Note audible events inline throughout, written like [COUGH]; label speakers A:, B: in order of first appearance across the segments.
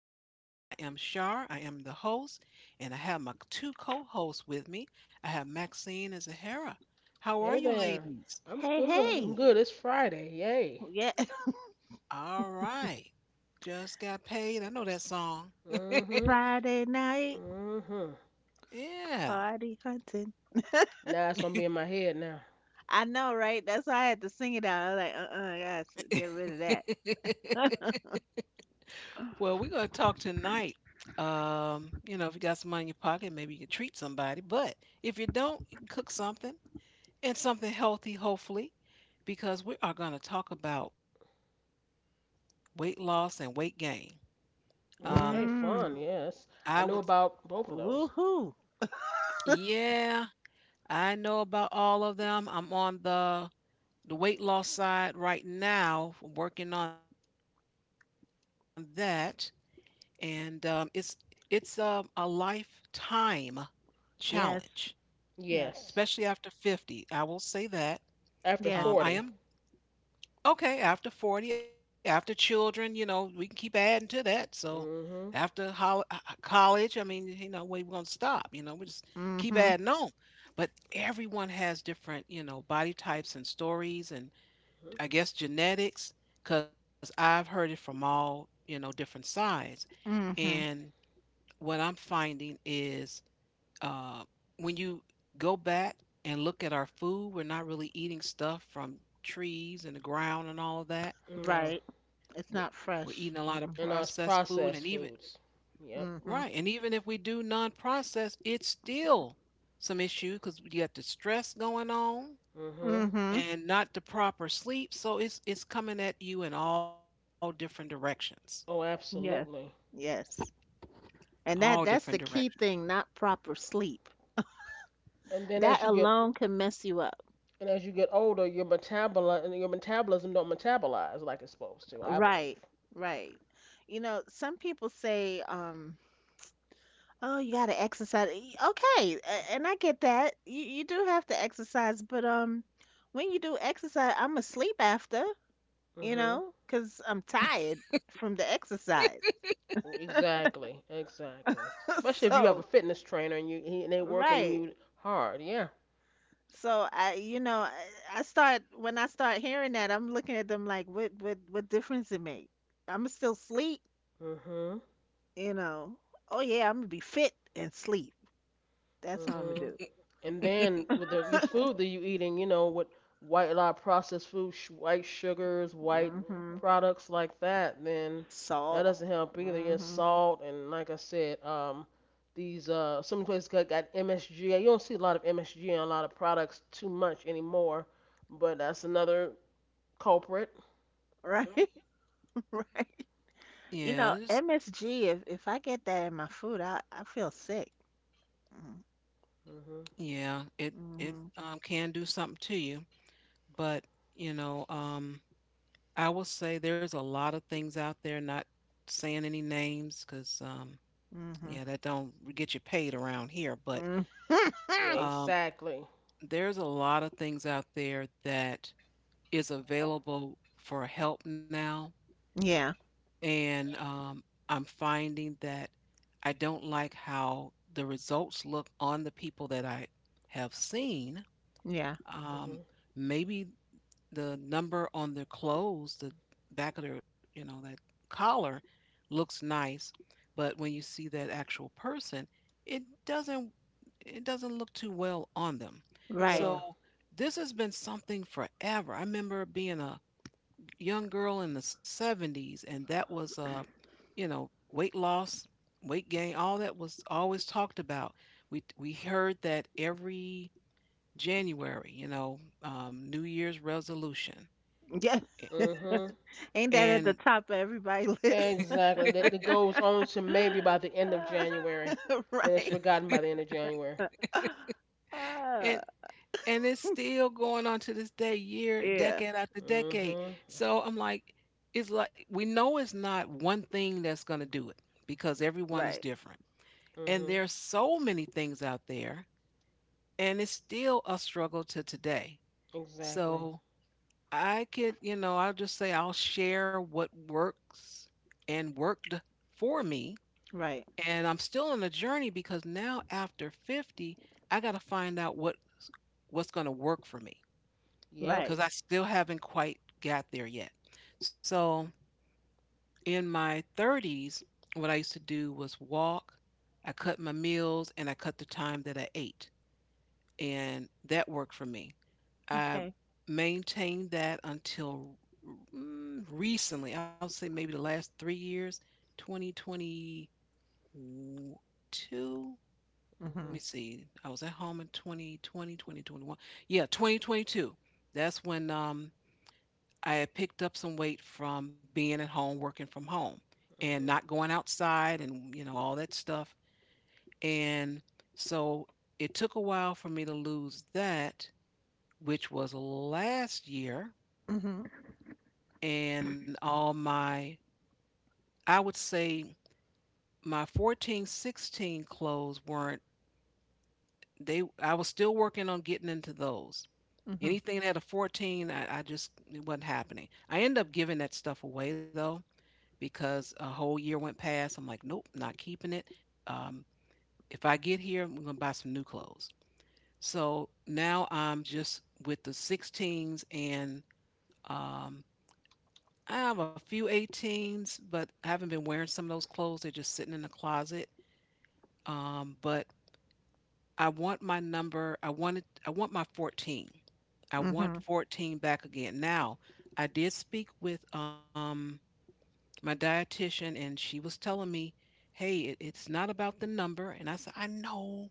A: tonight, and I am Shar. I am the host, and I have my two co hosts with me. I have Maxine and Zahara. How are
B: Hey
A: you,
B: there.
A: ladies?
B: I'm
C: Hey,
B: good. I'm
C: hey.
B: good. It's Friday. Yay.
C: Well, yeah.
A: All right. Just got paid. I know that song. [LAUGHS]
C: [LAUGHS]
B: hmm
C: Friday night
B: hmm
A: Yeah.
C: party hunting.
B: Now it's gonna be in my head now.
C: I know, right? That's why I had to sing it out. I was like, uh-uh, I get
A: [LAUGHS]
C: rid of that.
A: Well, we're going to talk tonight. If you got some money in your pocket, maybe you can treat somebody. But if you don't, you can cook something. And something healthy, hopefully, because we are going to talk about weight loss and weight gain. Um,
B: Okay,
C: Mm.
B: fun.
A: I would,
B: Yes. I know about both of those.
C: Woohoo.
A: yeah, I know about all of them. I'm on the weight loss side right now, working on that, and it's it's a lifetime challenge,
C: Yes, yes,
A: especially
B: Yes.
A: after 50. I will say that.
B: After
C: yes.
A: I
B: 40.
A: am Okay, after 40, after children, you know, we can keep adding to that. So
B: hmm
A: after college, I mean, you know, where we going to stop? You know, we just keep
C: Mm-hmm.
A: adding on. But everyone has different, you know, body types and stories and I guess genetics, because I've heard it from all, you know, different sides.
C: Mm-hmm.
A: And what I'm finding is uh, when you go back and look at our food, we're not really eating stuff from trees and the ground and all of that
B: No.
C: Right.
A: w-
C: It's
A: we're
C: not
A: eating a lot of
C: fresh. Mm-mm.
A: processed
B: And it's
A: food, and even
B: processed foods. Yep.
A: right, and
C: Mm-hmm.
A: even if we do non-processed, it's still some issue because you got the stress going on
B: hmm
C: Mm-hmm.
A: and not the proper sleep. So it's coming at you in all different directions,
B: Oh,
C: Yes.
B: absolutely.
C: Yes.
A: all
C: And
A: different
C: that's the
A: directions.
C: key thing, not proper sleep.
B: And then
C: That
B: as you get
C: alone can mess you up.
B: and as you get older, your metabolism don't metabolize like it's supposed to, I believe.
C: Right. Right. You know, some people say, oh, you gotta exercise. Okay, and I get that. You do have to exercise, but when you do exercise, I'm asleep after, you
B: hmm
C: know, 'cause I'm tired from the exercise.
B: Exactly, exactly.
C: [LAUGHS]
B: Especially if you have a
C: So,
B: fitness trainer and they working
C: right.
B: you hard. Yeah.
C: So I start when I start hearing that, I'm looking at them like, what what difference it make? I'm still sleep,
B: Mhm.
C: you know. Oh yeah, I'm gonna be fit and sleep. That's what I'm gonna
B: Mhm.
C: do.
B: And then with your food that you eating, you know, with white a lot of processed food, white sugars, white
C: Hmm.
B: products like that, then that
C: Salt.
B: doesn't help either. Yeah,
C: Hmm.
B: salt and like I said, these some places got MSG. You don't see a lot of MSG in a lot of products too much anymore, but that's another culprit.
C: Right. [LAUGHS] Right. You
A: Yeah,
C: know, MSG, if I get that in my food, I feel sick. Mm.
B: Mm-hmm.
A: yeah, it
C: Mhm.
A: can do something to you. But, you know, I will say there's a lot of things out there, not saying any names because,
C: Mm.
A: yeah, that don't get you paid around here. But
C: Mhm. Mm. Hmm. [LAUGHS]
A: um,
B: Exactly.
A: there's a lot of things out there that is available for help now.
C: Yeah.
A: And I'm finding that I don't like how the results look on the people that I have seen.
C: Yeah.
A: Um,
B: Mhm.
A: maybe the number on their clothes, the back of their, you know, that collar looks nice, but when you see that actual person, it doesn't, it doesn't look too well on them.
C: Right.
A: So
B: No.
A: this has been something forever. I remember being a young girl in the 70s, and that was you know, weight loss, weight gain, all that was always talked about. We heard that every January, you know, New Year's resolution
C: Yeah.
A: eh,
B: Mhm.
C: [LAUGHS] Ain't that at
A: and
C: the top of everybody list? [LAUGHS]
B: Exactly. That goes on to maybe by the end of January.
C: [LAUGHS]
B: Then it's
C: Right.
B: forgotten by the end of January.
C: [LAUGHS] Uh,
A: and and it's still going on to this day, year,
C: yeah.
A: decade after decade.
B: Mhm.
A: So I'm like, it's like we know it's not one thing that's going to do it, because everyone is
C: Right.
A: different and
B: Mhm.
A: there's so many things out there, and it's still a struggle to today.
B: Exactly.
A: So I could, you know, I'll just say I'll share what works and worked for me,
C: Right.
A: and I'm still on a journey because now after 50, I got to find out what what's going to work for me,
B: Yep.
C: Right.
A: because I still haven't quite got there yet. So in my 30s, what I used to do was walk, I cut my meals, and I cut the time that I ate. And that worked for me. I
C: Okay.
A: maintained that until mm, recently. I would say maybe the last 3 years, 2022. Let
C: Mm.
A: me
B: Mhm.
A: see. I was at home in 2020, 2021. Yeah, 2022. That's when I had picked up some weight from being at home, working from home, and not going outside and, you know, all that stuff. And so it took a while for me to lose that, which was last year.
C: Mhm.
A: And all my, I would say my 14, 16 clothes weren't, they, I was still working on getting into those.
C: Mm. Mhm.
A: Anything that had a 14, I just, it wasn't happening. I ended up giving that stuff away though, because a whole year went past. I'm like, nope, not keeping it. Um, if I get here, I'm going to buy some new clothes. So now I'm just with the 16s, and um, I have a few 18s, but I haven't been wearing some of those clothes. They're just sitting in the closet. But I want my number. I wanted. I want my 14. I want
C: Mm.
A: 14 back again. Now, I did speak with my dietitian, and she was telling me, hey, it, it's not about the number. And I said, I know,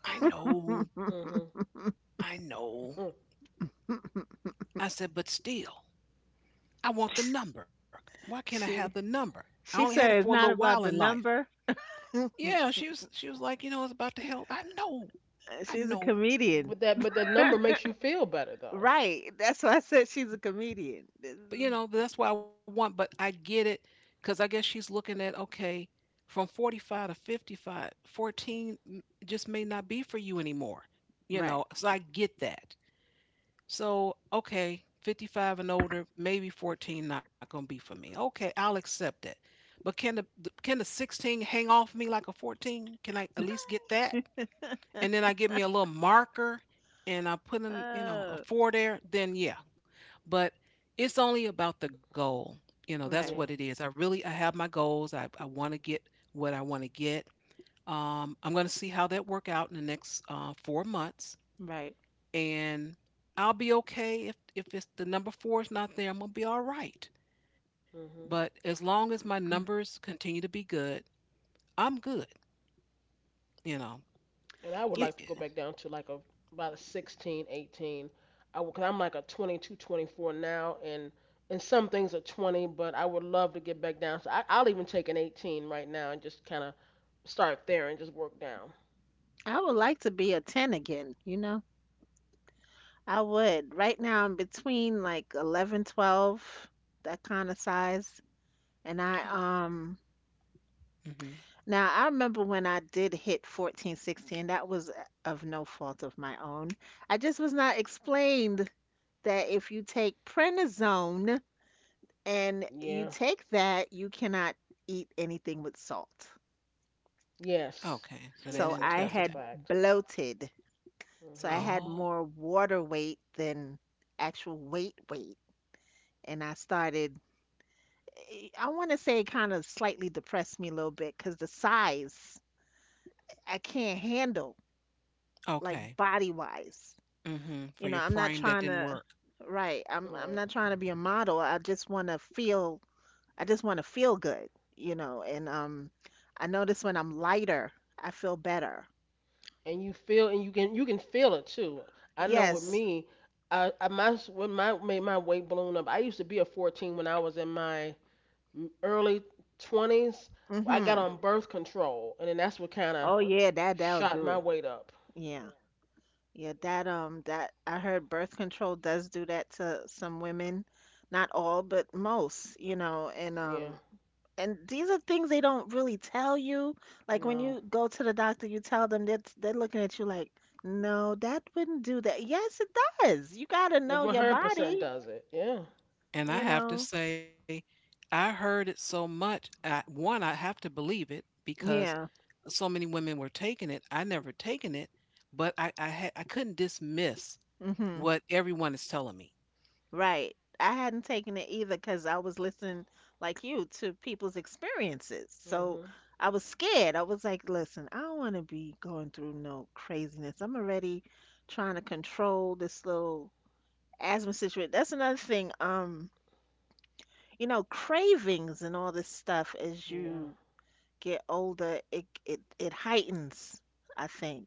A: I
C: Mhm.
A: know,
B: Mhm. Mhm.
C: Mm.
A: I know.
B: [LAUGHS]
C: Mhm. [LAUGHS]
A: I said, but still, I want the number. Why can't I have the
C: She
A: number? I only had
C: she
A: it for a
C: said it's
A: little
C: not
A: while in
C: about the
A: life.
C: number. [LAUGHS]
A: Yeah, she was like, you know, it's about the health. I know, I
C: She's a
A: know.
B: But
C: comedian.
B: but that number makes you feel better though.
C: Right. That's why I said she's a comedian. This
A: But you
C: is-
A: know, that's what I want. But I get it, because I guess she's looking at, okay, from 45 to 55, just may not be for you anymore. You
C: Right.
A: know, so I get that. So, okay, 55 and older, maybe 14 not going to be for me. Okay, I'll accept that. But can can the 16 hang off me like a 14? Can I at least get that? And then I give me a little marker and I put in, you know, a
C: Oh,
A: 4 there, then yeah. But it's only about the goal. You know, that's what it
C: right.
B: Yeah.
A: is. I have my goals. I want to get what I want to get. I'm going to see how that work out in the next 4 months,
C: Right.
A: and I'll be okay if it's the number four is not there. I'm gonna be all right.
B: Mhm.
A: But as long as my
C: [CLEARS THROAT]
A: numbers continue to be good, I'm good. You know.
B: And I would
C: It's,
B: like to
A: It-
B: go
A: it-
B: back down to like a about a 16, 18. I would, cause I'm like a 22, 24 now, and some things are 20, but I would love to get back down. So I, I'll even take an 18 right now and just kind of start there and just work down.
C: I would like to be a 10 again, you know? I would. Right now, I'm between like 11, 12, that kind of size. And I,
A: [GASPS] oh, hmm.
C: now I remember when I did hit 14, 16, that was of no fault of my own. I just was not explained that if you take prednisone, and you
B: Yeah.
C: take that, you cannot eat anything with salt.
B: Yes.
A: Okay, so they
C: So
B: Yes.
A: didn't
B: That's
C: I
A: tell
B: that's
A: you
B: a
A: that.
C: had
B: fact.
C: bloated. So I
B: Mhm.
C: had
A: Oh,
C: more water weight than actual weight. And I started, I want to say it kind of slightly depressed me a little bit because the size I can't handle, like
A: okay.
C: body wise.
A: Hmm. For
C: You know,
A: your
C: I'm not
A: frame that
C: trying
A: didn't
C: to,
A: work.
C: right,
B: All
C: I'm
B: right.
C: not trying to be a model. I just want to feel good, you know, and I notice when I'm lighter, I feel better.
B: And you feel and you can feel it too. I know with
C: Yes.
B: me, I my when my made my weight balloon up. I used to be a 14 when I was in my early 20s. I got
C: Mhm.
B: on birth control, and then that's what kind of
C: Oh yeah, that'll
B: shot
C: do
B: my
C: it.
B: weight up.
C: Yeah. Yeah, that that I heard birth control does do that to some women. Not all, but most, you know,
B: Yeah,
C: and these are things they don't really tell you. Like when
B: no,
C: you go to the doctor, you tell them that they're looking at you like, "No, that wouldn't do that." Yes, it does. You got to
B: it
C: know your
B: 100%
C: body,
B: does it. Yeah,
A: And I
C: you
A: have to
C: know.
A: say, I heard it so much. I, one, I have to believe it because
C: Yeah.
A: so many women were taking it. I never taken it, but had, I couldn't dismiss
C: Hmm.
A: what everyone is telling me.
C: Right. I hadn't taken it either because I was listening, like you, to people's experiences. So
B: mhm,
C: I was scared. I was like, listen, I don't want to be going through no craziness. I'm already trying to control this little asthma situation. That's another thing. You know, cravings and all this stuff as
B: yeah,
C: you get older, it heightens, I think.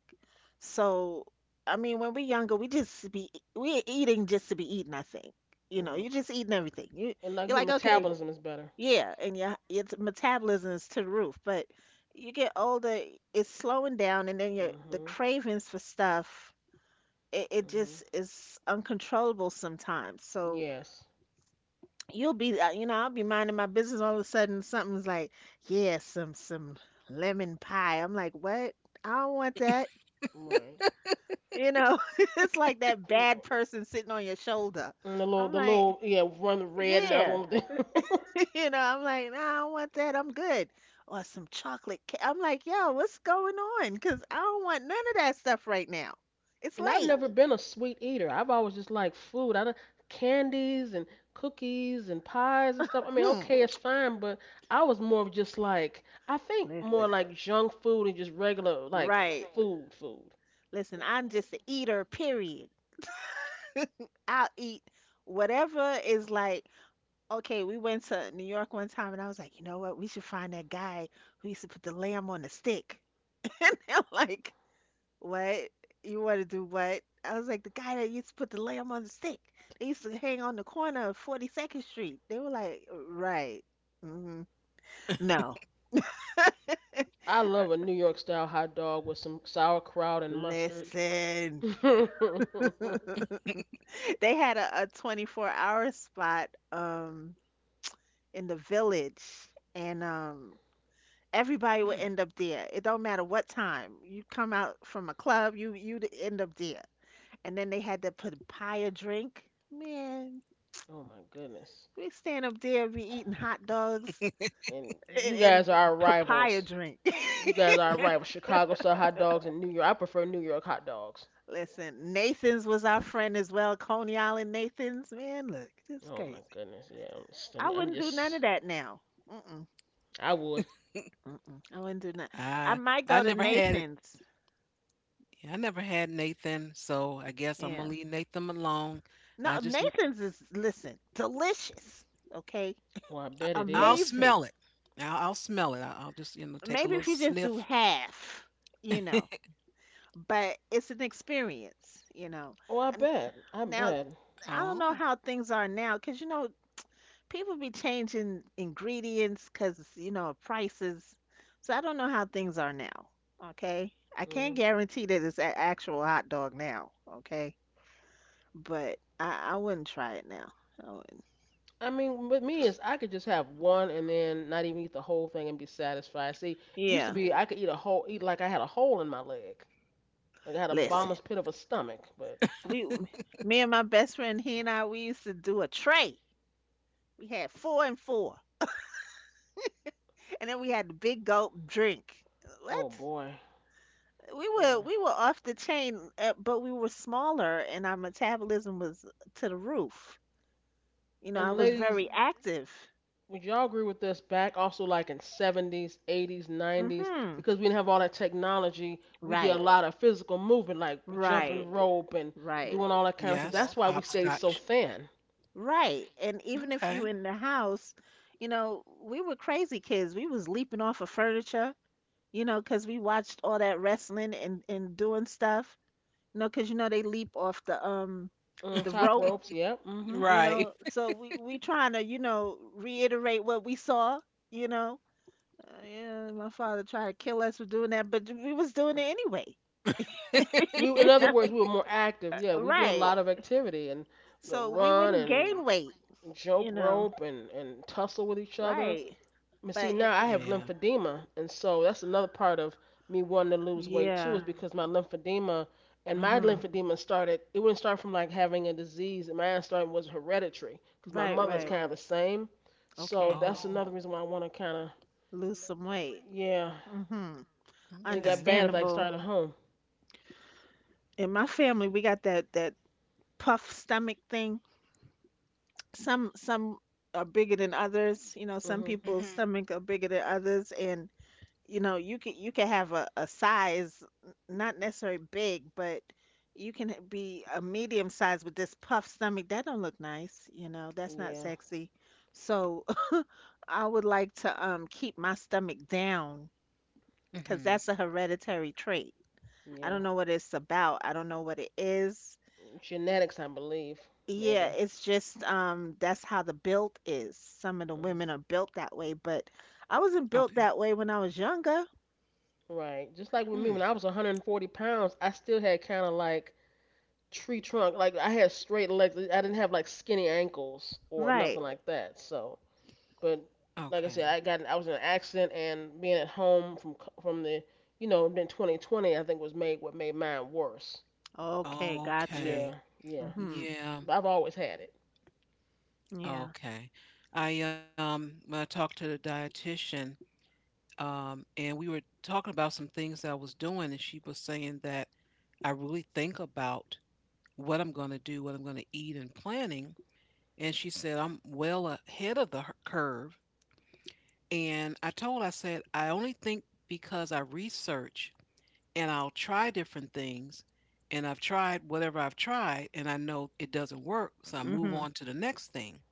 C: So, I mean, when we're younger, we just be we're eating just to be eating, I think. You know, you're
B: mhm.
C: just eating everything.
B: And like I
C: You're
B: said,
C: like, okay,
B: metabolism is better.
C: yeah, and your metabolism is to the roof, but you get older, it's slowing down, and then your the
B: Mhm,
C: cravings for stuff, it
B: mhm.
C: just is uncontrollable sometimes. So,
B: Yes,
C: you'll be you know, I'll be minding my business, all of a sudden something's like, yeah, some lemon pie. I'm like, what? I don't want that,
B: right.
C: you know. [LAUGHS] It's like that bad
B: Yeah.
C: person sitting on your shoulder.
B: And
C: I'm
B: the
C: like,
B: little, yeah, one red and the other
C: yeah,
B: one with the. [LAUGHS]
C: [LAUGHS] you know, I'm like, nah, I don't want that, I'm good. Or some chocolate cake, I'm like, yo, what's going on? Because I don't want none of that stuff right now. It's
B: And I've
C: late.
B: never been a sweet eater. I've always just liked food. I don't, candies and cookies and pies and stuff. I mean,
C: Hmm.
B: okay, it's fine, but I was more of just like I think more
C: Listen,
B: like junk food and just regular like
C: right.
B: food food.
C: Listen, I'm just an eater, period. [LAUGHS] I'll eat whatever. Okay, we went to New York one time and I was like, you know what? We should find that guy who used to put the lamb on the stick. [LAUGHS] And they're like, what? You want to do what? I was like, the guy that used to put the lamb on the stick. They used to hang on the corner of 42nd Street. They were like, right. Hmm. No.
B: I love a New York style hot dog with some sauerkraut and mustard. [LAUGHS]
C: Listen.
B: Oh
C: [LAUGHS] They had a 24-hour hour spot in the village, and everybody will
A: Hmm.
C: end up there. It don't matter what time you come out from a club, you'd end up there. And then they had to put pie a drink. Man,
B: my goodness.
C: we stand up there, be eating hot dogs
B: And you guys
C: and
B: are our
C: papaya
B: rivals.
C: drink. [LAUGHS]
B: You guys are our rivals. Chicago style hot dogs and New York. I prefer New York hot dogs.
C: Listen, Nathan's was our friend as well. Coney Island Nathan's. Man, look, this is
B: Oh my
C: crazy.
B: goodness. Yeah,
C: I
B: I'm
C: wouldn't do none
B: just
C: of that now. Mm-mm,
B: I would.
C: mm-mm. I wouldn't do none.
A: I
C: I might
A: I
C: go to
A: never had it.
C: Nathan's.
A: I never had Nathan, so I guess
C: Yeah.
A: I'm gonna leave Nathan alone.
C: No,
A: I just m-
C: Nathan's is, listen, delicious. Okay,
B: Oh, I bet it
A: I, will
B: is.
C: amazing.
A: smell it. I'll smell it. I, I'll just you know take a
C: Maybe if
A: little
C: you just do
A: sniff.
C: half, you know,
A: [LAUGHS]
C: but it's an experience, you know.
B: Oh, I
C: And
B: bet. I
C: now
B: bet.
C: I don't know
A: Oh
C: how things are now, because you know people be changing ingredients because you know of prices. So I don't know how things are now. Okay, I can't
B: Mhm.
C: guarantee that it's an actual hot dog now. Okay, but I wouldn't try it now. I wouldn't.
B: I mean, with me is I could just have one and then not even eat the whole thing and be satisfied. See, it used to
C: Yeah,
B: be I could eat a whole, eat like I had a hole in my leg, like I had a right
C: listen,
B: bomber's pit of a stomach. But
C: we, me and my best friend, he and I, we used to do a tray. We had four and four, and then we had the big gulp drink. What?
B: oh boy,
C: We were
B: yeah.
C: we were off the chain, but we were smaller, and our metabolism was to the roof. You know, I
B: And mhm,
C: was
B: ladies,
C: very active.
B: would y'all agree with this? Back also like in 70s, 80s, 90s,
C: Mm-hmm.
B: because we didn't have all that technology, we did a right
C: Right,
B: lot of physical movement, like jumping
C: right,
B: right rope and
C: right,
B: doing right all that kind of stuff. Yeah.
A: yes,
B: That's why we stayed so
A: hopscotch.
B: thin.
C: right. And even if you
A: Okay.
C: in the house, you know, we were crazy kids. We was leaping off of furniture, you know, 'cause we watched all that wrestling and doing stuff. You know, 'cause you know they leap off
B: Mm,
C: the
B: top
C: rope,
B: ropes. Yep. Mhm.
C: you
A: Right.
C: know, so we trying to, you know, reiterate what we saw, you know. Uh, yeah, my father tried to kill us for doing that, but we was doing it anyway.
B: We,
C: [LAUGHS]
B: in
C: You
B: other
C: know,
B: words, we were more active. Yeah, we did a
C: right,
B: lot of activity and the
C: so we
B: run
C: wouldn't
B: and
C: gain weight,
B: jump
C: you know.
B: rope and tussle with each other.
C: Right,
B: But see,
C: but
B: now
C: it,
B: I
A: Yeah.
B: have lymphedema, and so that's another part of me wanting to lose weight too, is
C: yeah.
B: because my lymphedema and my
C: Mhm.
B: lymphedema started. It wouldn't start from like having a disease. And mine started was hereditary, because my
C: Right,
B: mother's
C: right,
B: kind of the same. So
C: okay,
B: that's
A: Oh,
B: another reason why I want to kind of,
C: lose some weight.
B: yeah.
C: Mhm.
B: And it
A: okay.
B: got bad if I
C: Understandable.
B: started at home.
C: In my family we got that puff stomach thing. Some are bigger than others, you know, some
B: hmm
A: Hmm.
C: people's stomach are bigger than others. And you know, you can have a size, not necessarily big, but you can be a medium size with this puff stomach that don't look nice, you know, that's not
B: Yeah.
C: sexy. So [LAUGHS] I would like to keep my stomach down, because
A: Mhm.
C: that's a hereditary trait. I
B: Yeah.
C: don't know what it's about, I don't know what it is.
B: Genetics, I believe.
C: Yeah,
B: Maybe.
C: it's just that's how the build is. Some of the
B: hmm
C: women are built that way, but I wasn't
A: Okay.
C: built that way when I was younger.
B: Right. Just like with me, when
A: Hmm.
B: I was 140 pounds, I still had kind of like tree trunk. Like I had straight legs. I didn't have like skinny ankles or
C: Right.
B: nothing like that. So, but
A: Okay.
B: like I said, I was in an accident and being at home from the you know been 2020. I think was made what made mine worse.
C: Okay, got you.
A: Okay.
B: Yeah. Yeah.
C: Mhm.
A: Yeah.
B: But I've always had it.
C: Yeah.
A: Okay. I when I talked to the dietitian, and we were talking about some things that I was doing, and she was saying that I really think about what I'm going to do, what I'm going to eat, and planning. And she said I'm well ahead of the curve. And I told, I said I only think because I research and I'll try different things. And I've tried whatever I've tried, and I know it doesn't work. So I move
C: Mhm.
A: on to the next thing.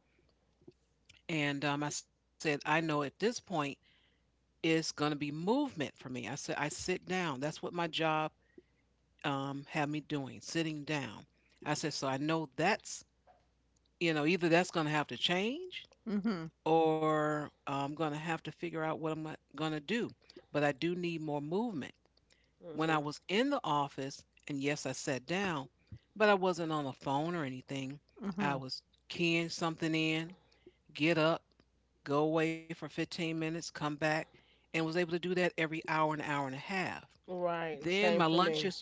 A: And I said, I know at this point it's going to be movement for me. I said, I sit down. That's what my job had me doing, sitting down. I said, so I know that's, you know, either that's going to have to change,
C: Mhm.
A: or I'm going to have to figure out what I'm going to do. But I do need more movement. When
B: hmm
A: I was in the office, and yes, I sat down, but I wasn't on the phone or anything. I
C: Mhm.
A: was keying something in, get up, go away for 15 minutes, come back, and was able to do that every hour, an hour and a half.
B: Right.
A: Then
B: Same
A: my
B: for me.
A: lunches,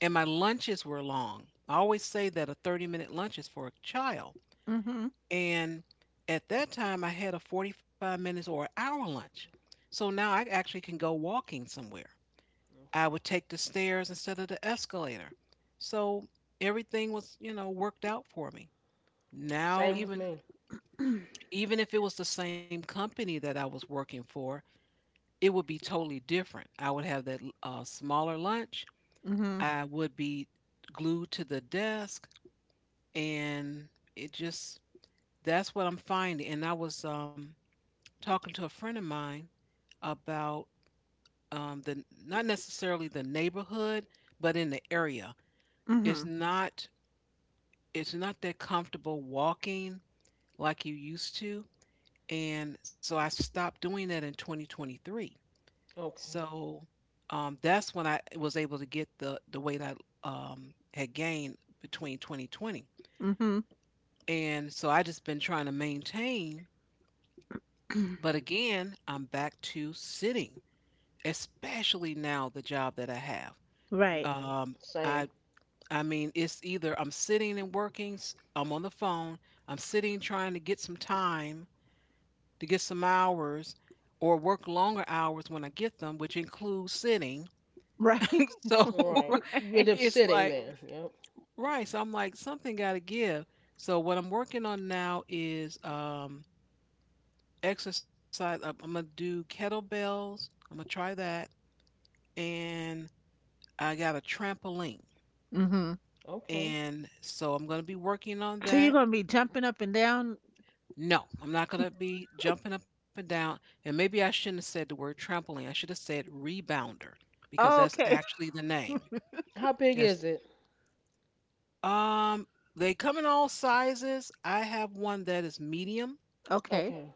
A: and my lunches were long. I always say that a 30-minute lunch is for a child.
C: Mhm.
A: And at that time, I had a 45 minutes or an hour lunch. So now I actually can go walking somewhere. I
B: Okay.
A: would take the stairs instead of the escalator. So everything was, you know, worked out for me.
B: Right.
A: Now
B: Same with
A: even
B: me.
A: even if it was the same company that I was working for, it would be totally different. I would have that smaller lunch.
C: Mhm.
A: I would be glued to the desk, and it just, that's what I'm finding. And I was talking to a friend of mine about the, not necessarily the neighborhood, but in the area. It's
C: Mhm.
A: not it's not that comfortable walking like you used to. And so I stopped doing that in 2023.
B: Okay.
A: So that's when I was able to get the weight I had gained between 2020.
C: Mhm. [CLEARS THROAT]
A: And so I just been trying to maintain. But again, I'm back to sitting, especially now the job that I have.
C: Right.
B: Mhm.
A: Um,
B: Same.
A: I I mean, it's either I'm sitting and working, I'm on the phone, I'm sitting trying to get some time to get some hours or work longer hours when I get them, which includes sitting.
C: Right.
A: [LAUGHS] So
C: [LAUGHS]
B: Right. You
A: [LAUGHS]
C: Right.
B: end up
A: it's
B: sitting
A: like,
B: then. Yep.
A: right. So I'm like, something got to give. So what I'm working on now is exercise. I'm going to do kettlebells. I'm going to try that. And I got a trampoline.
C: Mhm.
B: Okay.
A: And so I'm going to be working on
C: So you're
A: that.
C: gonna be jumping up and down.
A: No, I'm not going to be jumping up and down. And maybe I shouldn't have said the word trampoline. I should have said rebounder because
C: Oh,
A: that's
C: okay. [LAUGHS]
A: actually the name.
B: How big
A: Yes.
B: is it?
A: Um, they come in all sizes. I have one that is medium,
C: Okay.
B: Okay.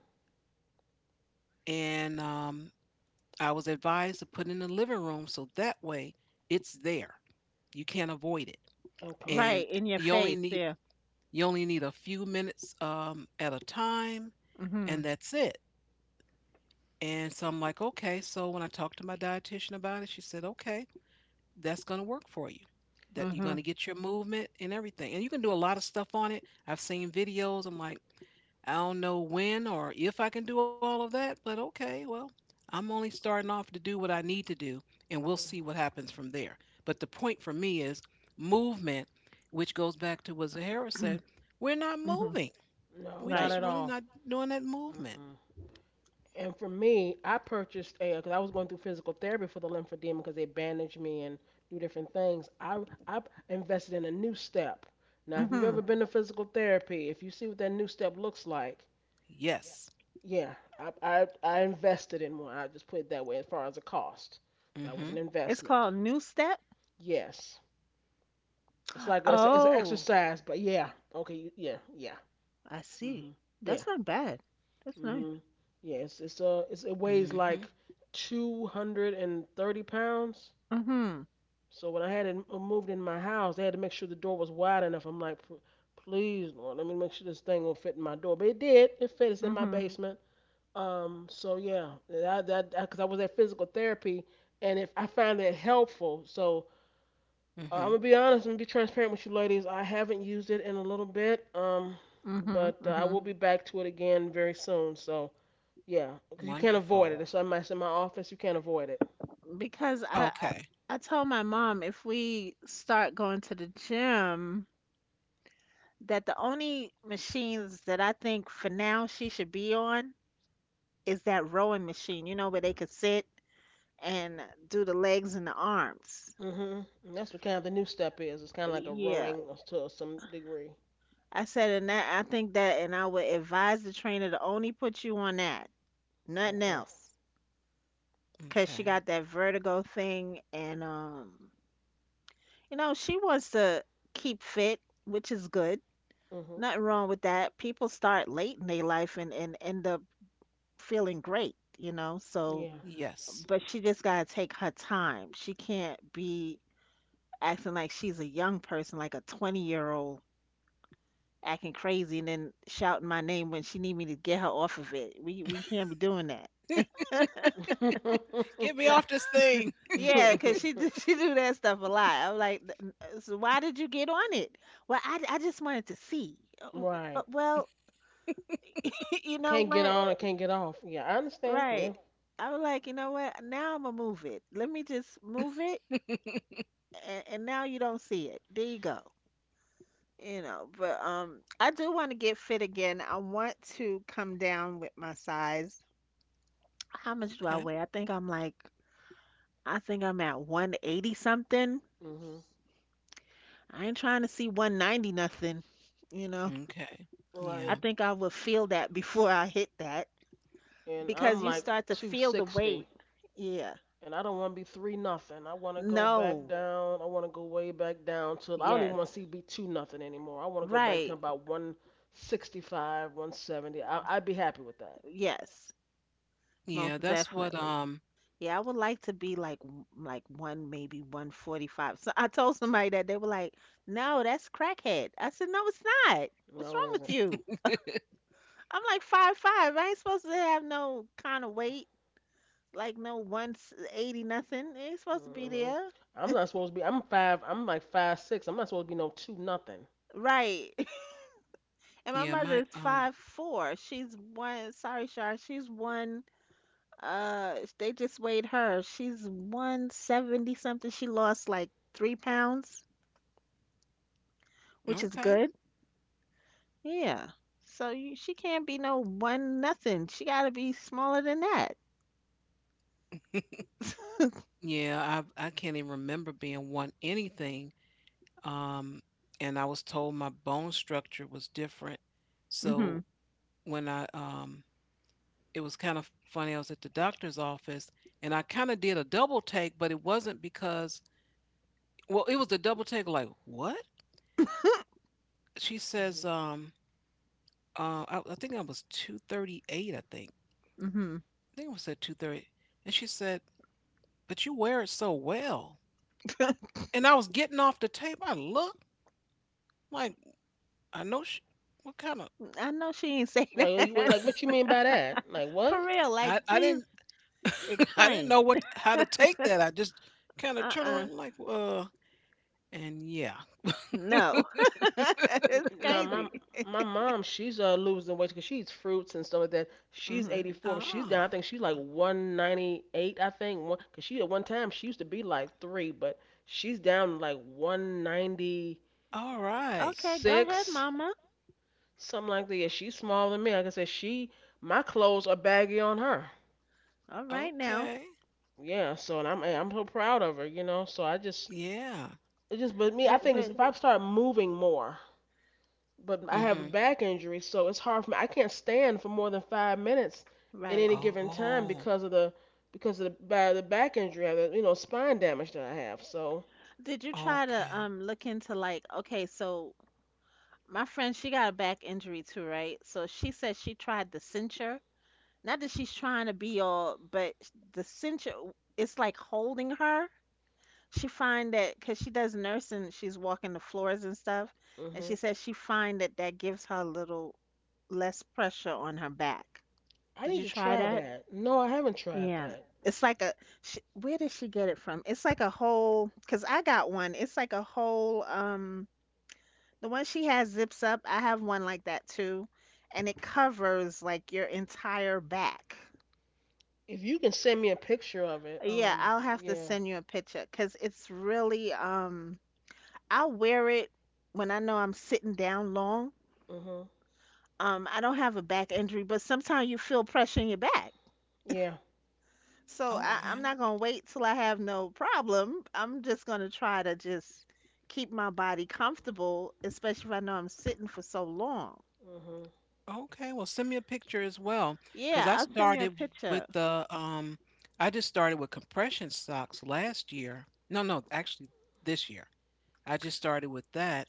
A: and I was advised to put it in the living room so that way it's there. You can't avoid it,
B: Okay.
A: and
C: Right, in your
A: you only
C: face.
A: need
C: Yeah.
A: you only need a few minutes at a time, and
C: Mhm.
A: that's it. And so I'm like, okay. So when I talked to my dietitian about it, she said, okay, that's going to work for you. That you're going to
C: Mhm.
A: get your movement and everything. And you can do a lot of stuff on it. I've seen videos. I'm like, I don't know when or if I can do all of that, but okay, well, I'm only starting off to do what I need to do, and we'll see what happens from there. But the point for me is movement, which goes back to what Zahara said we're not
C: Mhm.
A: moving.
B: No,
A: We
B: not
C: Right.
A: just
B: at
A: really
B: all.
A: not doing that movement.
B: Mm-mm. And for me, I purchased a because I was going through physical therapy for the lymphedema because they bandage me and do different things. I invested in a new step. Now, if you've ever
C: Mhm.
B: been to physical therapy, if you see what that new step looks like,
A: Yes.
B: yeah, I invested in one. I just put it that way as far as the cost. That was
A: Mhm.
B: an
C: It's
B: investment.
C: called new step.
B: Yes. It's like a, it's an
C: Oh,
B: exercise, but yeah. Okay. Yeah. Yeah.
C: I see.
B: Mhm. Yeah.
C: That's not bad. That's nice.
B: Mhm. Yeah. It's it's
A: Mhm.
B: uh it's, it weighs like 230 pounds.
C: Mhm.
B: So when I had it moved in my house, they had to make sure the door was wide enough. I'm like, "P- please, Lord, let me make sure this thing will fit in my door." But it did. It fit. It's in my
C: Mhm.
B: basement. So yeah. That that because I was at physical therapy, and if I found it helpful, so
A: Mhm.
B: I'm gonna be honest. I'm gonna be transparent with you, ladies. I haven't used it in a little bit,
C: Mhm.
B: but I
C: Mhm.
B: will be back to it again very soon. So yeah, because you can't
A: Wonderful.
B: avoid it. It's in my office. You can't avoid it.
C: Because
A: Okay.
C: I told my mom if we start going to the gym that the only machines that I think for now she should be on is that rowing machine, you know, where they could sit and do the legs and the arms.
B: hmm That's what kind of the new step is. It's kind of like a
C: Yeah.
B: rowing to some degree.
C: I said, and that I think that, and I would advise the trainer to only put you on that. Nothing
B: Okay.
C: else.
A: Okay.
C: Because she got that vertigo thing, and you know she wants to keep fit, which is good.
B: hmm
C: Nothing wrong with that, people start late in their life and end up feeling great, you know. So
B: Yeah.
A: Yes.
C: but she just got to take her time, she can't be acting like she's a young person, like a 20-year old, acting crazy and then shouting my name when she need me to get her off of it. We can't be doing that.
A: Get me off this thing.
C: Yeah, 'cause she
B: [LAUGHS]
C: do, [LAUGHS] she do that stuff a lot. I'm like, "Th- so why did you get on it? Well, I just wanted to see."
B: Right.
C: Well, [LAUGHS] you know
B: Can't get
C: what?
B: on. I can't get off. Yeah, I understand. Yeah.
C: Right. I was like, you know what? Now I'm gonna move it. Let me just move it, and now you don't see it. There you go. You know, but I do want to get fit again. I want to come down with my size. How
A: Okay.
C: much do I weigh? I think I'm like, I think I'm at 180 something.
B: hmm
C: I ain't trying to see 190 nothing. You know.
A: Okay.
B: Right.
C: I
A: Yeah.
C: think I will feel that before I hit that
B: And I'm
C: because you
B: like
C: start to feel the
B: 260.
C: weight. Yeah.
B: And I don't want to be three nothing. I want to go back
C: No.
B: down. I want to go way back down to. I don't even want to
C: Yes.
B: see be two nothing anymore. I want to go back to
C: Right.
B: about 165, one I 70. I'd be happy with that.
C: Yes.
A: Yeah,
C: Most
A: that's what
C: definitely. Yeah, I would like to be like one maybe 145. So I told somebody that they were like, "No, that's crackhead." I said, "No, it's not. What's
B: No, it
C: wrong with
B: isn't.
C: you?" I'm like 5'5". I ain't supposed to have no kind of weight, like no 180 nothing. It ain't supposed to be
B: Mm-hmm.
C: there.
B: I'm not supposed to be. I'm like 5'6". I'm not supposed to be no two nothing.
C: Right. And my
A: yeah,
C: mother
A: my
C: is 5'4". She's one. Sorry, Shar. She's one. They just weighed her. She's 170 something. She lost like 3 pounds, which is
A: okay.
C: good. Yeah. So she can't be no one nothing. She gotta be smaller than that.
A: Yeah, I can't even remember being one anything. Um, and I was told my bone structure was different.
C: Mhm.
A: So when I it was kind of funny, I was at the doctor's office and I kind of did a double take, but it wasn't because well, it was a double take like, what? She says, I think I was 238, I think.
C: Mhm.
A: I think I said 230. And she said, but you wear it so well.
C: [LAUGHS]
A: And I was getting off the tape. I looked like I know she what kind of
C: I know she ain't say
B: Like,
C: that
B: like what you mean by that? Like
C: [LAUGHS] for
B: what?
C: real. Like,
A: I didn't
C: please
A: [LAUGHS] I didn't know
C: explain.
A: what how to take that. I just kinda
C: Uh
A: turned
C: uh.
A: around like, and yeah.
C: No. [LAUGHS] It's
B: No,
C: crazy.
B: my mom, she's losing weight because she eats fruits and stuff like that. She's
C: Mhm.
B: 84, but she's down. I
A: Ah,
B: think she's like 198. I think one because she at one time she used to be like three, but she's down to, like, 196,
A: alright.
C: Okay, go ahead, Mama.
B: something like that. Yeah, she's smaller than me. Like I said, she my clothes are baggy on her.
C: All right now.
A: Okay.
B: Yeah, so and I'm so proud of her, you know. So I just
A: Yeah.
B: it just but me, I
C: But
B: think it's,
C: but
B: if I start moving more, but I have a
A: Mhm.
B: back injury, so it's hard for me. I can't stand for more than 5 minutes at
C: right.
B: any given time
A: Oh,
B: because of the by the back injury, I have, you know, spine damage that I have. So
C: Did you try to
A: okay.
C: look into like okay, so my friend, she got a back injury too, right? So she said she tried the cincher. Not that she's trying to be all, but the cincher, it's like holding her. She find that because she does nursing, she's walking the floors and stuff, and
B: hmm
C: she says she find that that gives her a little less pressure on her back.
B: I
C: Did
B: need
C: you
B: to
C: try
B: try
C: that?
B: that. No, I haven't tried
C: Yeah.
B: that.
C: It's like a, sh Where did she get it from? It's like a whole, because I got one. It's like a whole, the one she has zips up. I have one like that too. And it covers like your entire back.
B: If you can send me a picture of it,
C: Yeah, I'll have to
B: yeah,
C: send you a picture because it's really, I'll wear it when I know I'm sitting down long.
B: mhm,
C: I don't have a back injury, but sometimes you feel pressure in your back.
B: yeah,
C: So
B: yeah,
C: I'm
A: Okay.
C: not gonna wait till I have no problem. I'm just gonna try to just keep my body comfortable, especially if I know I'm sitting for so long.
B: mhm,
A: Okay, well, send me a picture as well because
C: Yeah,
A: I
C: I'll send you a
A: started with
C: picture.
A: the, I just started with compression socks last year. No, actually this year. I just started with that.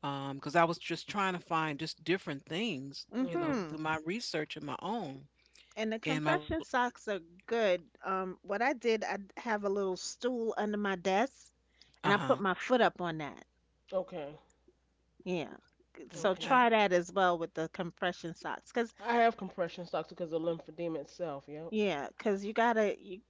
A: Because I was just trying to find just different things, you know,
B: mhm.
C: Mm-hmm.
A: through my research and my own
C: And the
A: and my
C: compression socks are good. What I did, I have a little stool under my desk, and I put
A: uh-huh.
C: my foot up on that.
B: Okay,
C: Yeah. So
B: okay.
C: try
A: Okay.
C: that as well with the compression socks, cause
B: I have compression socks because of lymphedema itself. Yep.
C: yeah, cause you gotta you,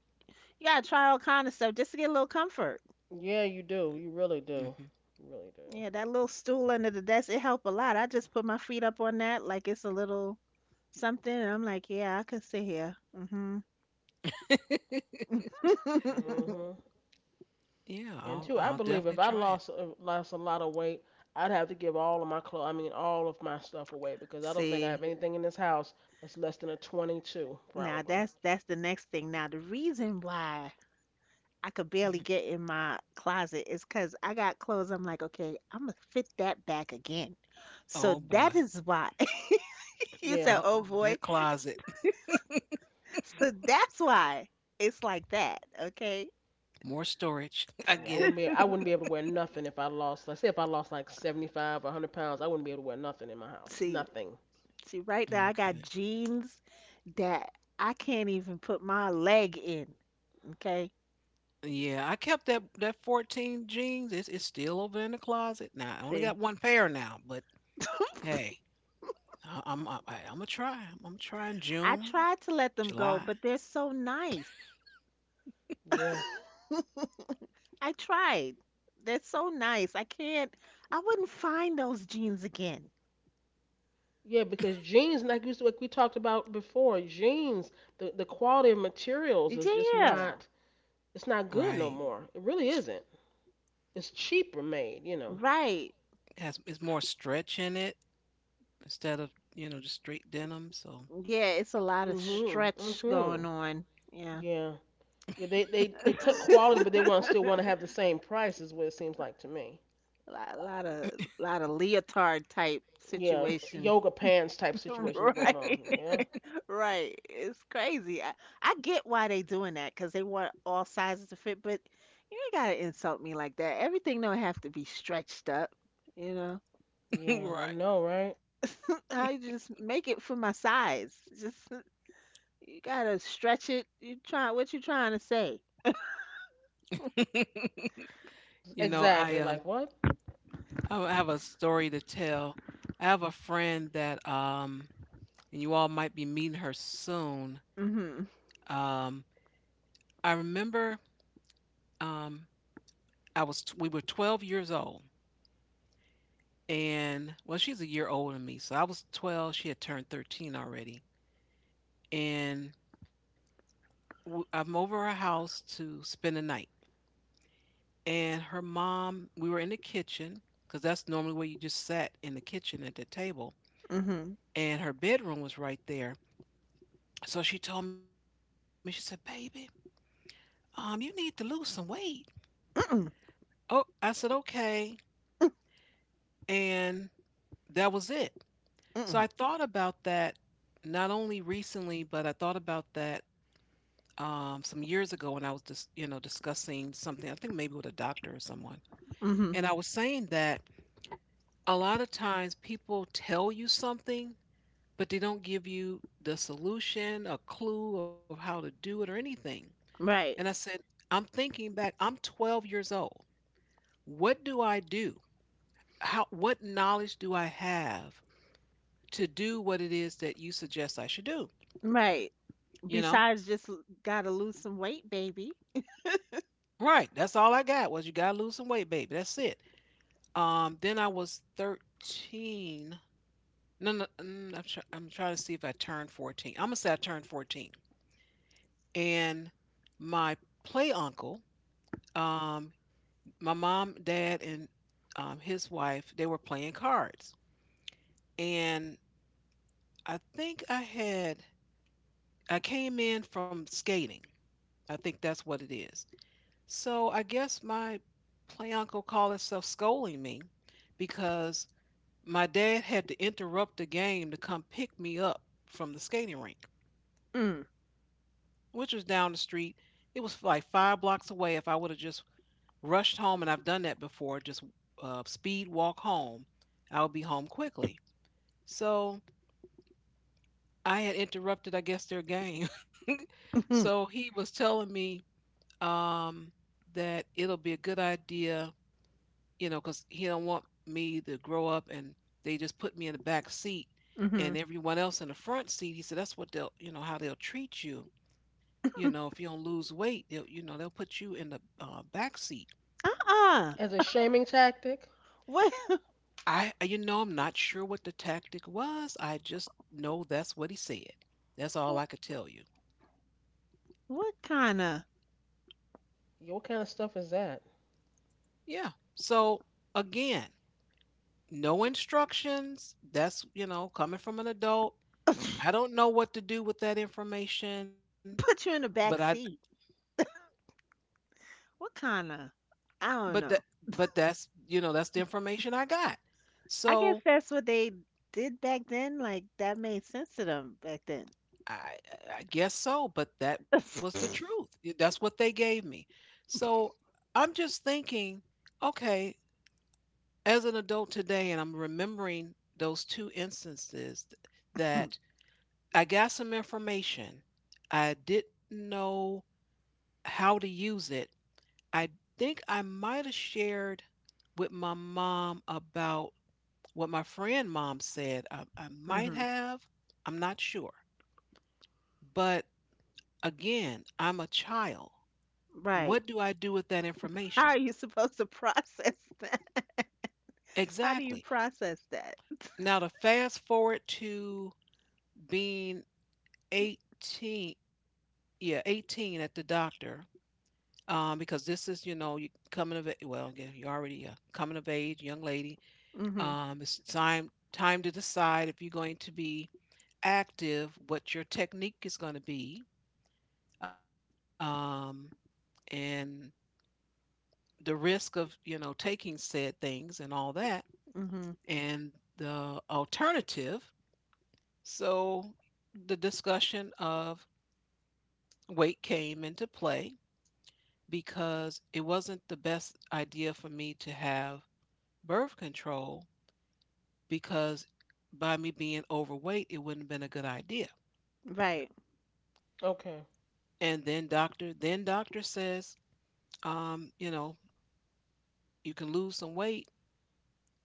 C: you gotta try all kind of stuff just to get a little comfort.
B: Yeah, you do. You really do.
A: Hmm.
B: You really do.
C: Yeah, that little stool under the desk, it helped a lot. I just put my feet up on that like it's a little something, and I'm like, yeah, I could sit here. Hmm. [LAUGHS]
B: Mhm.
A: Yeah,
B: And two,
A: I'll
B: I believe if I
A: definitely try
B: lost
A: it.
B: a lot of weight, I'd have to give all of my clothes, I mean all of my stuff away because I don't think I have
C: See,
B: anything in this house that's less than a 22
C: now
B: probably.
C: that's the next thing. Now the reason why I could barely
A: Hmm.
C: get in my closet is because I got clothes. I'm like, okay, I'm gonna fit that back again. So
A: Oh
C: that
A: boy.
C: is why. [LAUGHS] You
B: Yeah.
C: said, "Oh
A: Uh-oh,
C: boy."
A: that closet.
C: So that's why it's like that. Okay.
A: [LAUGHS] More storage. [LAUGHS] I
B: Yeah,
A: get it.
B: I wouldn't be able to wear nothing if I lost. Let's say if I lost like 75 or 100 pounds, I wouldn't be able to wear nothing in my house.
C: See,
B: Nothing.
C: See, right now I got
A: Okay.
C: jeans that I can't even put my leg in. Okay.
A: Yeah, I kept that 14 jeans. It's still over in the closet. Now I only
C: See,
A: got one pair now, but
C: [LAUGHS]
A: hey, I'm gonna try. I'm trying
C: I
A: June,
C: tried to let them go,
A: July.
C: but they're so nice. [LAUGHS]
B: Yeah.
C: I tried. They're so nice. I can't, I wouldn't find those jeans again.
B: Yeah, because jeans, like we talked about before, jeans, the quality of materials is just
C: Yeah,
B: not, it's
A: Right.
B: not good no more. It really isn't. It's cheaper made, you know.
C: right.
A: Has it's more stretch in it, instead of you know just straight denim. So
C: Yeah, it's a lot of
B: Mhm.
C: stretch going
B: Mhm.
C: on. Yeah. [LAUGHS]
B: Yeah. Yeah. They they
C: A
B: they cut quality, but they want still want to have the same price. Is what it seems like to me.
C: lot, lot of lot of leotard type
B: Yeah.
C: situation.
B: Yoga pants type
C: [LAUGHS]
B: situations going on.
C: Right.
B: Yeah.
C: Right. It's crazy. I get why they doing that because they want all sizes to fit, but you ain't gotta insult me like that. Everything don't have to be stretched up, you know.
A: [LAUGHS]
B: Yeah.
A: right,
B: I know, right?
C: I just make it for my size. Just [LAUGHS] you gotta stretch it. You try what you trying to say.
A: you know I
B: Exactly.
A: um
B: Like what?
A: I have a story to tell. I have a friend that and you all might be meeting her soon.
C: Mm-hmm.
A: Um, I remember um we were 12 years old, and well she's a year older than me, so I was 12, she had turned 13 already, and I'm over her house to spend the night, and her mom, we were in the kitchen because that's normally where you just sat, in the kitchen at the table,
C: Mm-hmm.
A: and her bedroom was right there. So she told me, she said, "Baby, you need to lose some weight." Oh, I said, "Okay," and that was it. So I
C: Mm-hmm.
A: thought about that not only recently, but I thought about that some years ago when I was just you know discussing something. I think maybe with a doctor or someone,
C: Mm-hmm.
A: and I was saying that a lot of times people tell you something, but they don't give you the solution, a clue of how to do it, or anything. And I
C: Right.
A: said, I'm thinking back, I'm 12 years old. What do I do? How what knowledge do I have to do what it is that you suggest I should do?
C: Right.
A: You know?
C: Besides just gotta lose some weight, baby.
A: Right. That's all I got was you gotta lose some weight, baby. That's it. Then I was 13. No, no, mm, I'm, try- I'm trying to see if I turned 14. I'm gonna say I turned 14. And my play uncle, um, my mom, dad, and his wife, they were playing cards. And I think I had I came in from skating. I think that's what it is. So I guess my play uncle called himself scolding me because my dad had to interrupt the game to come pick me up from the skating rink,
C: Mm.
A: which was down the street. It was like five blocks away. If I would have just rushed home, and I've done that before, just speed walk home, I would be home quickly. So I had interrupted, I guess, their game. [LAUGHS]
C: Mm-hmm.
A: So he was telling me um, that it'll be a good idea, you know, because he don't want me to grow up and they just put me in the back seat
C: Mm-hmm.
A: and everyone else in the front seat. He said that's what they'll, you know, how they'll treat you. You know, if you don't lose weight, they'll, you know, they'll put you in the back seat.
C: Uh-uh.
B: As a shaming tactic?
C: What [LAUGHS]
A: You know, I'm not sure what the tactic was. I just know that's what he said. That's all
C: wh-
A: I could tell you.
C: what kinda
B: Yeah, what kind of stuff is that?
A: Yeah. So again, no instructions. That's, you know, coming from an adult, I don't know what to do with that information,
C: put you
A: but
C: in the
A: I
C: back seat? What kind of? I don't
A: but that
C: know.
A: but that's you know that's the information I got.
C: I guess
A: So
C: that's what they did back then. Like that made sense to them back then.
A: I I guess so, but that was the truth. That's what they gave me. So I'm just thinking, okay, as an adult today, and I'm remembering those two instances that I got some information. I didn't know how to use it. I think I might have shared with my mom about what my friend mom said. I
C: [LAUGHS]
A: might
C: Hmm.
A: have. I'm not sure. But again, I'm a child. What
C: Right.
A: do I do with that
C: How
A: information?
C: are you supposed to [LAUGHS] process that? How do you
A: Exactly.
C: process that?
A: Now to fast forward to being 18, yeah, 18 at the doctor, because this is, you know, you coming of age, well, yeah, you're already a coming of age young lady.
C: Hmm.
A: It's time to decide if you're going to be active, what your technique is going to be, um, and the risk of you know taking said things and all that,
C: Hmm.
A: and the alternative. So the discussion of weight came into play because it wasn't the best idea for me to have birth control because by me being overweight, it wouldn't have been a good idea.
C: Right.
B: Okay.
A: And then doctor says, you know, you can lose some weight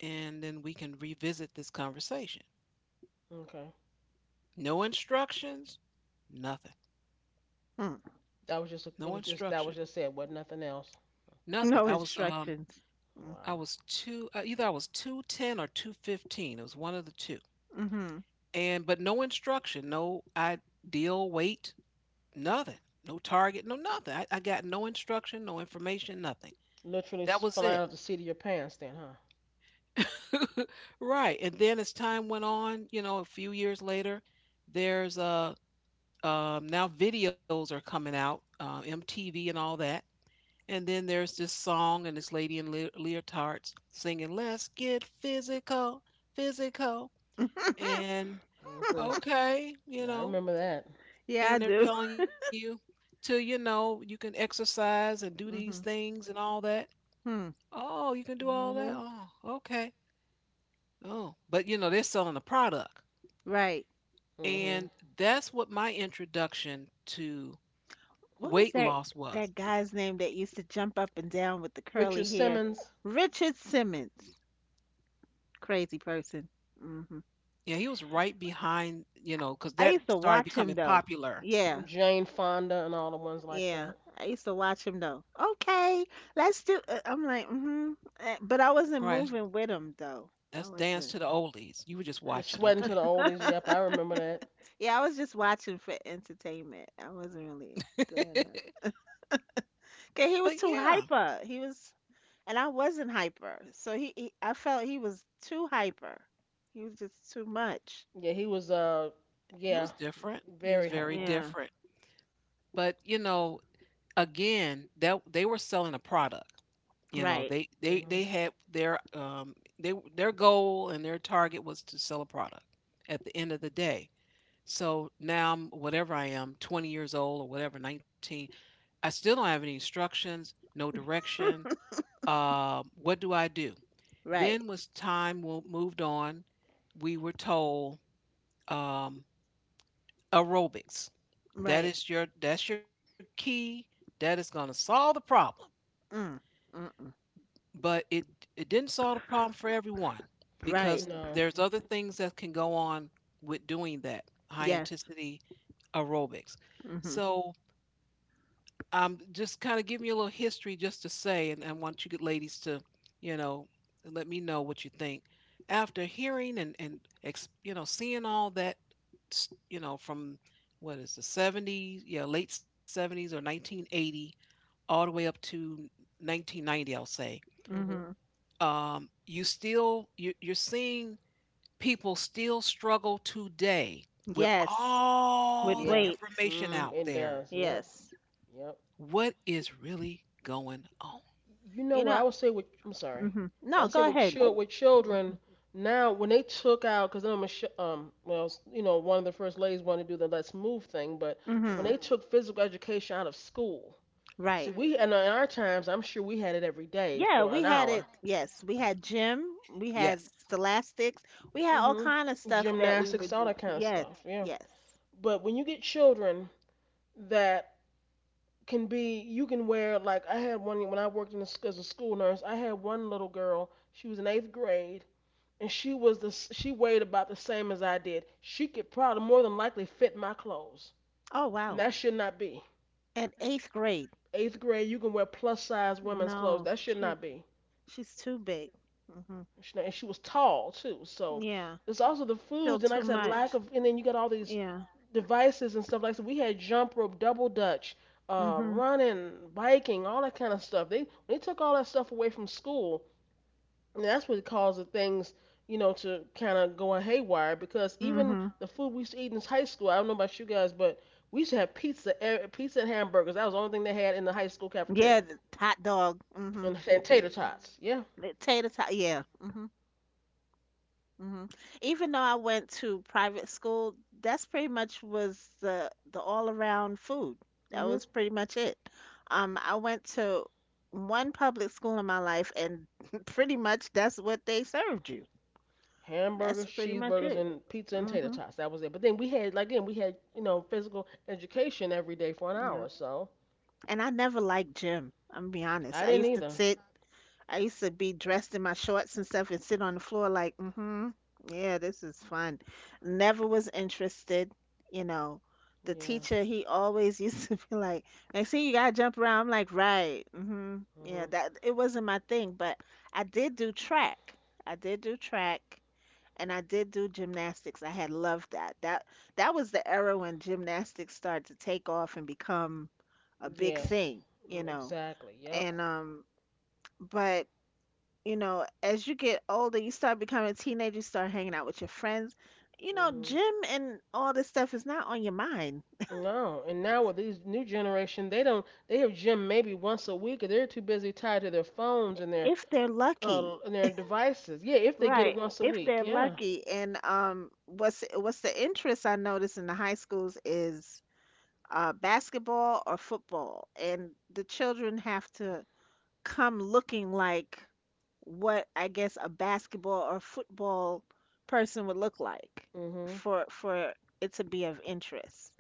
A: and then we can revisit this conversation.
B: Okay.
A: No instructions, nothing.
C: Mm.
A: No instruction,
B: That was just it. What nothing else.
A: nothing.
C: No instructions.
A: I
B: Wow.
A: was two either I was 210 or 215. It was one of the two.
C: Mm-hmm.
A: And but no instruction, no ideal weight, nothing. No target, no nothing. I got no instruction, no information, nothing.
B: Literally
A: That was
B: flying
A: it.
B: off the seat of your pants then, huh?
A: [LAUGHS] Right, and then as time went on, you know, a few years later, there's, uh, now videos are coming out, MTV and all that, and then there's this song and this lady in lea leotards singing, "Let's get physical, physical,"
C: [LAUGHS]
A: and,
B: Mhm.
A: okay, you
B: I
A: know,
B: remember that.
C: Yeah, I
A: and they're
C: do.
A: telling you to, you know, you can exercise and do these
C: Hmm.
A: things and all that.
C: Hmm.
A: "Oh, you can do all that?
B: Mhm.
A: Oh, okay. Oh," but, you know, they're selling a product.
C: Right.
B: Mhm.
A: And that's what my introduction to
C: What
A: weight
C: was that,
A: loss was.
C: that guy's name that used to jump up and down with the curly
B: Richard
C: hair?
B: Simmons.
C: Richard Simmons. Crazy person. Hmm.
A: Yeah, he was right behind, you know, because
C: I
A: that
C: used to
A: started
C: watch him
A: becoming
C: though.
A: popular.
C: Yeah,
B: Jane Fonda and all the ones like
C: yeah.
B: that.
C: I used to watch him though. Okay, let's do. I'm like, mm-hmm. But I wasn't
A: Right,
C: moving with him though. I
A: that's Dance
C: wasn't.
A: to the Oldies. You were just
B: You're
A: watching,
B: sweating to the
A: okay.
B: oldies. Yep, I
C: [LAUGHS]
B: remember that.
C: Yeah, I was just watching for entertainment. I wasn't really doing
A: [LAUGHS]
C: that. 'Cause he was
A: But
C: too
A: yeah,
C: hyper. He was, and I wasn't hyper. So I felt he was too hyper. He was just too much.
B: Yeah, he was yeah,
A: he was different.
B: very
A: He was
B: hyper.
A: very
C: Yeah.
A: different. But, you know, again, that they were selling a product. You know,
C: Right.
A: they
B: Mhm.
A: had their they their goal and their target was to sell a product at the end of the day. So now I'm whatever I am, 20 years old or whatever, 19. I still don't have any instructions, no direction. What do I do?
C: Right.
A: Then was time wo- moved on, we were told um, aerobics.
C: Right.
A: That's your key. That is going to solve the problem.
C: Mm. Mm-mm.
A: But it didn't solve the problem for everyone
C: Right.
A: because
B: No.
A: there's other things that can go on with doing that high
C: Yeah.
A: intensity aerobics.
C: Mm-hmm.
A: So just kind of give me a little history just to say, and I want you good ladies to, you know, let me know what you think. After hearing and you know, seeing all that, you know, from what is the 70s, yeah, late 70s or 1980, all the way up to 1990, I'll say.
B: Mhm.
C: Mm-hmm.
A: You still you're seeing people still struggle today with
C: Yes. With
A: all the
B: Yeah.
C: weight.
A: information
B: Mm,
A: out
B: it
A: there.
B: does. Yep.
C: Yes.
B: Yep.
A: What is really going on?
B: You know
C: You
B: what
C: know.
B: I would say with I'm sorry.
C: Mm-hmm.
B: But I
C: No,
B: say
C: go
B: with
C: ahead.
B: with children now when they took out because I'm a sh- well s- you know one of the first ladies wanted to do the let's move thing but when
C: Mm-hmm.
B: they took physical education out of school see
C: Right.
B: we and in our times I'm sure we had it every day
C: Yeah,
B: for
C: we
B: an
C: had it.
B: hour.
C: Yes, we had gym. We had
A: Yes.
C: scholastics. We had all
B: hmm
C: kind of stuff that we
B: Gymnastics,
C: would.
B: all that kind of
C: Yes.
B: stuff. Yeah.
C: Yes.
B: But when you get children that can be, you can wear like I had one when I worked in the, as a school nurse. I had one little girl. She was in eighth grade, and she weighed about the same as I did. She could probably more than likely fit my clothes,
C: Oh
B: and
C: wow.
B: that should not be.
C: At eighth grade.
B: Eighth grade, you can wear plus size women's clothes.
C: No,
B: That should
C: she's
B: not be.
C: she's too big. Mm-hmm.
B: And she was tall too, so
C: Yeah.
B: it's also the
C: Still
B: foods and like I
C: too
B: said, lack
C: much.
B: of. And then you got all these
C: Yeah.
B: devices and stuff like that. So. We had jump rope, double dutch,
C: Mm-hmm.
B: running, biking, all that kind of stuff. They took all that stuff away from school, and that's what caused the things you know to kind of go haywire because even
C: Mm-hmm.
B: the food we used to eat in high school. I don't know about you guys, but we used to have pizza, pizza and hamburgers. That was the only thing they had in the high school
C: Yeah.
B: cafeteria,
C: The hot dog. Mm-hmm.
B: and, tater tots. Yeah.
C: Tater tot. Yeah. Mm-hmm. Hmm. Even though I went to private school, that's pretty much was the all around food. That
B: Mhm.
C: was pretty much it. I went to one public school in my life, and [LAUGHS] pretty much that's what they served you. That's
B: Hamburgers,
C: pretty much
B: cheeseburgers,
C: it.
B: and pizza and tater
C: Mm-hmm.
B: tots. That was it. But then we had, like, again, we had, you know, physical education every day for an
C: Yep.
B: hour. So,
C: And I never liked gym. I'm gonna be honest.
B: I didn't either.
C: I used to be dressed in my shorts and stuff and sit on the floor like, mm-hmm, yeah, this is fun. Never was interested, you know. The
B: Yeah.
C: teacher, he always used [LAUGHS] to be like, "I see you gotta jump around." I'm like, right, mm-hmm, yeah,
B: Mhm.
C: that it wasn't my thing, but I did do track. I did do track. And I did do gymnastics. I had loved that. That was the era when gymnastics started to take off and become a big
B: Yes.
C: thing, you
B: Mm,
C: know.
B: exactly. Yep.
C: And but as you get older, you start becoming a teenager, you start hanging out with your friends. You know,
B: Mhm.
C: gym and all this stuff is not on your mind
B: No, and now with these new generation, they don't. They have gym maybe once a week, or they're too busy tied to their phones
C: if they're lucky.
B: and their devices. Yeah, if they get it
C: Right.
B: once a
C: If
B: week.
C: they're
B: Yeah.
C: lucky. And what's the interest I notice in the high schools is basketball or football. And the children have to come looking like what I guess a basketball or football person would look like
B: Mhm.
C: for it to be of interest.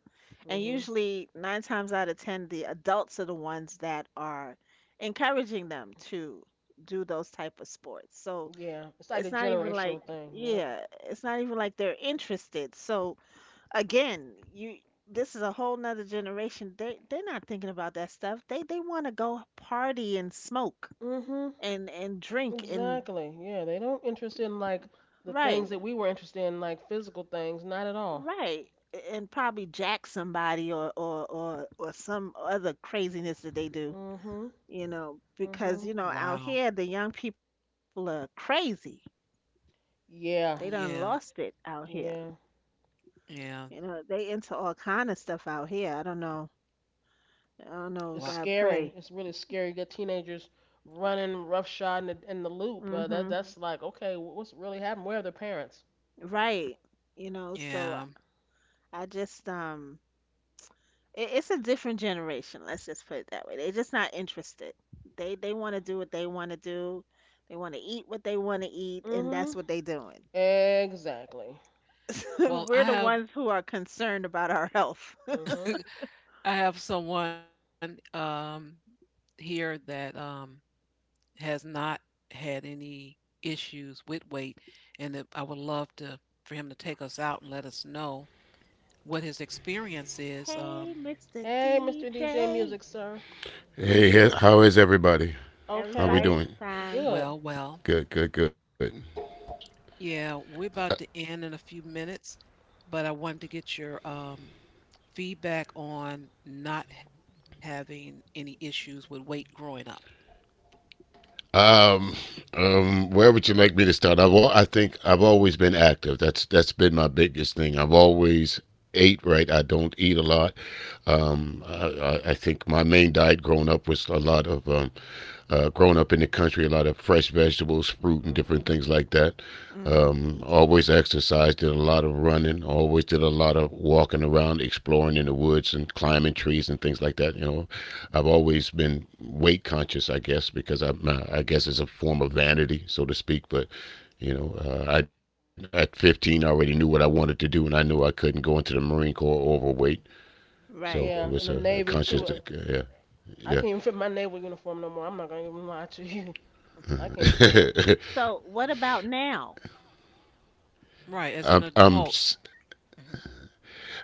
C: And
B: Mhm.
C: usually, nine times out of 10, the adults are the ones that are encouraging them to do those type of sports. So
B: Yeah. It's like a
C: it's not even like,
B: generational thing. Yep.
C: yeah, it's not even like they're interested. So again, you this is a whole nother generation. They're not thinking about that stuff. They want to go party and smoke
B: Mhm.
C: and drink and
B: Exactly. Yeah. They don't interest in like the things
C: right,
B: that we were interested in, like physical things. Not at all.
C: right. And probably jack somebody or some other craziness that they do,
B: Mhm.
C: because
B: Mhm.
A: Wow.
C: out here the young people are crazy. They
B: Yeah.
C: done lost
A: Yeah.
C: it out here.
B: Yeah.
C: You
A: Yeah.
C: know, they into all kind of stuff out here. I don't know. I don't
A: Wow.
C: know.
B: It's
C: God
B: scary.
C: pray.
B: It's really scary. You get teenagers running roughshod in in the loop. That
C: Mhm.
B: that's like, okay, what's really happened? Where are their parents?
C: Right. So
A: Yeah.
C: I just um it's a different generation, let's just put it that way. They're just not interested. They want to do what they want to do. They want to eat what they want to eat and that's
B: Mm-hmm.
C: what they doing.
B: Exactly.
C: [LAUGHS]
A: Well,
C: We're the ones who are concerned about our health.
B: Mm-hmm.
A: I have someone here that has not had any issues with weight, and that I would love to for him to take us out and let us know what his experience is.
C: Hey, Mr.
B: Hey, Mr. DJ
C: DJ.
B: Music, sir.
A: Greetings.
D: Hey, how is everybody? How we
B: Okay.
C: Everybody's
D: doing?
C: fine.
A: Well,
B: Good.
A: well,
D: Good.
A: yeah, we're about to end in a few minutes, but I wanted to get your feedback on not having any issues with weight growing up.
D: Um, where would you like me to start? I think I've always been active. That's been my biggest thing. I've always ate right. I don't eat a lot. I think my main diet growing up was a lot of growing up in the country, a lot of fresh vegetables, fruit, and different
B: Mm-hmm.
D: things like that.
C: Hmm.
D: Always exercised, did a lot of running, always did a lot of walking around, exploring in the woods and climbing trees and things like that. You know, I've always been weight conscious, I guess, because I guess it's a form of vanity, so to speak. But you know, I at 15 I already knew what I wanted to do, and I knew I couldn't go into the Marine Corps overweight. So it
C: Right.
D: was
B: Yeah,
D: a
B: and the Navy
D: conscious,
B: too.
D: yeah, yeah.
B: I can't even fit my naval uniform no more. I'm not gonna even lie to you. I can't fit it.
C: So, what about now?
A: Right,
D: [LAUGHS]
A: as an
D: I'm, I'm
A: adult. Mhm.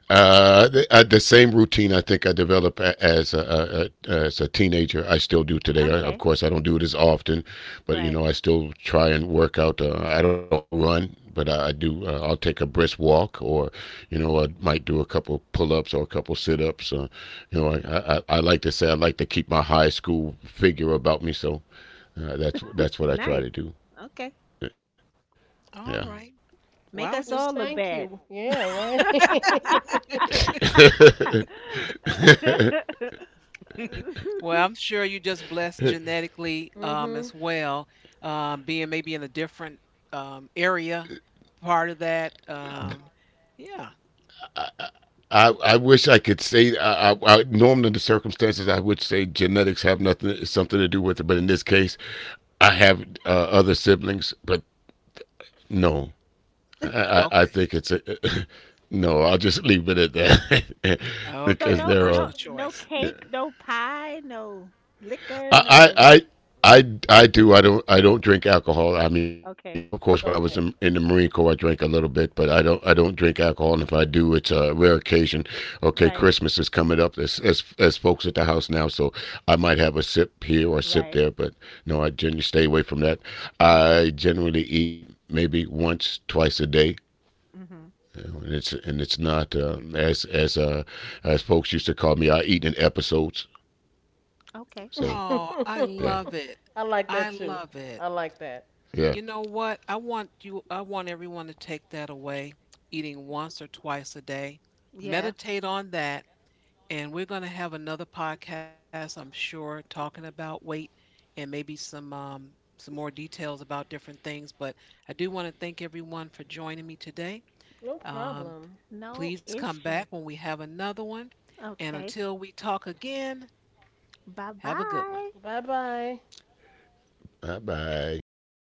D: the same routine I think I developed as a teenager, I still do today.
C: Okay.
D: I, of course, I don't do it as often,
C: Right.
D: but you know, I still try and work out. I don't run, but I do. I'll take a brisk walk, or you know, I might do a couple pull-ups or a couple sit-ups. I like to say I like to keep my high school figure about me, so that's what I
C: Nice.
D: try to do.
C: Okay.
D: Yeah.
A: All right. Well, I
C: Make
A: would
C: us
B: Well,
A: just
C: all look
B: thank
C: bad.
B: you. Yeah, right.
C: [LAUGHS]
B: [LAUGHS]
D: [LAUGHS]
A: [LAUGHS] Well, I'm sure you just blessed genetically as
B: Mm-hmm.
A: well, being maybe in a different area, part of that. Yeah.
D: I wish I could say I normally under circumstances I would say genetics have nothing something to do with it, but in this case, I have other siblings, but no, I
A: Okay.
D: think it's a [LAUGHS] no. I'll just leave it at that [LAUGHS]
C: So
D: because
A: Okay. A
C: no,
D: there
C: no,
D: are.
A: personal
C: no
A: choice.
D: Yeah,
C: cake, no pie, no liquor,
D: I,
C: no.
D: I, I I do I don't drink alcohol. I mean, of
C: Okay.
D: course, when I was
B: Okay.
D: in the Marine Corps, I drank a little bit, but I don't drink alcohol, and if I do, it's a rare occasion. Okay,
C: Right.
D: Christmas is coming up. As folks at the house now, so I might have a sip here or a
C: Right.
D: sip there, but no, I generally stay away from that.
C: Okay.
D: I generally eat maybe once twice a day.
C: Hmm.
D: And it's not as as folks used to call me. I eat in episodes.
C: Okay.
A: Oh,
D: So
A: I
B: [LAUGHS]
A: love it.
D: yeah,
B: I like that
A: I
B: too.
A: love it.
B: I like that.
A: You know
D: yeah.
A: what? I want everyone to take that away, eating once or twice a day.
C: Yeah.
A: Meditate on that, and we're going to have another podcast, I'm sure, talking about weight and maybe some more details about different things, but I do want to thank everyone for joining me today.
B: No
A: Um,
B: problem.
C: No
A: please come back
C: issue.
A: when we have another one, and
C: Okay.
A: until we talk again, have a good
C: Bye
A: one.
C: bye.
B: Bye bye.
D: Bye bye.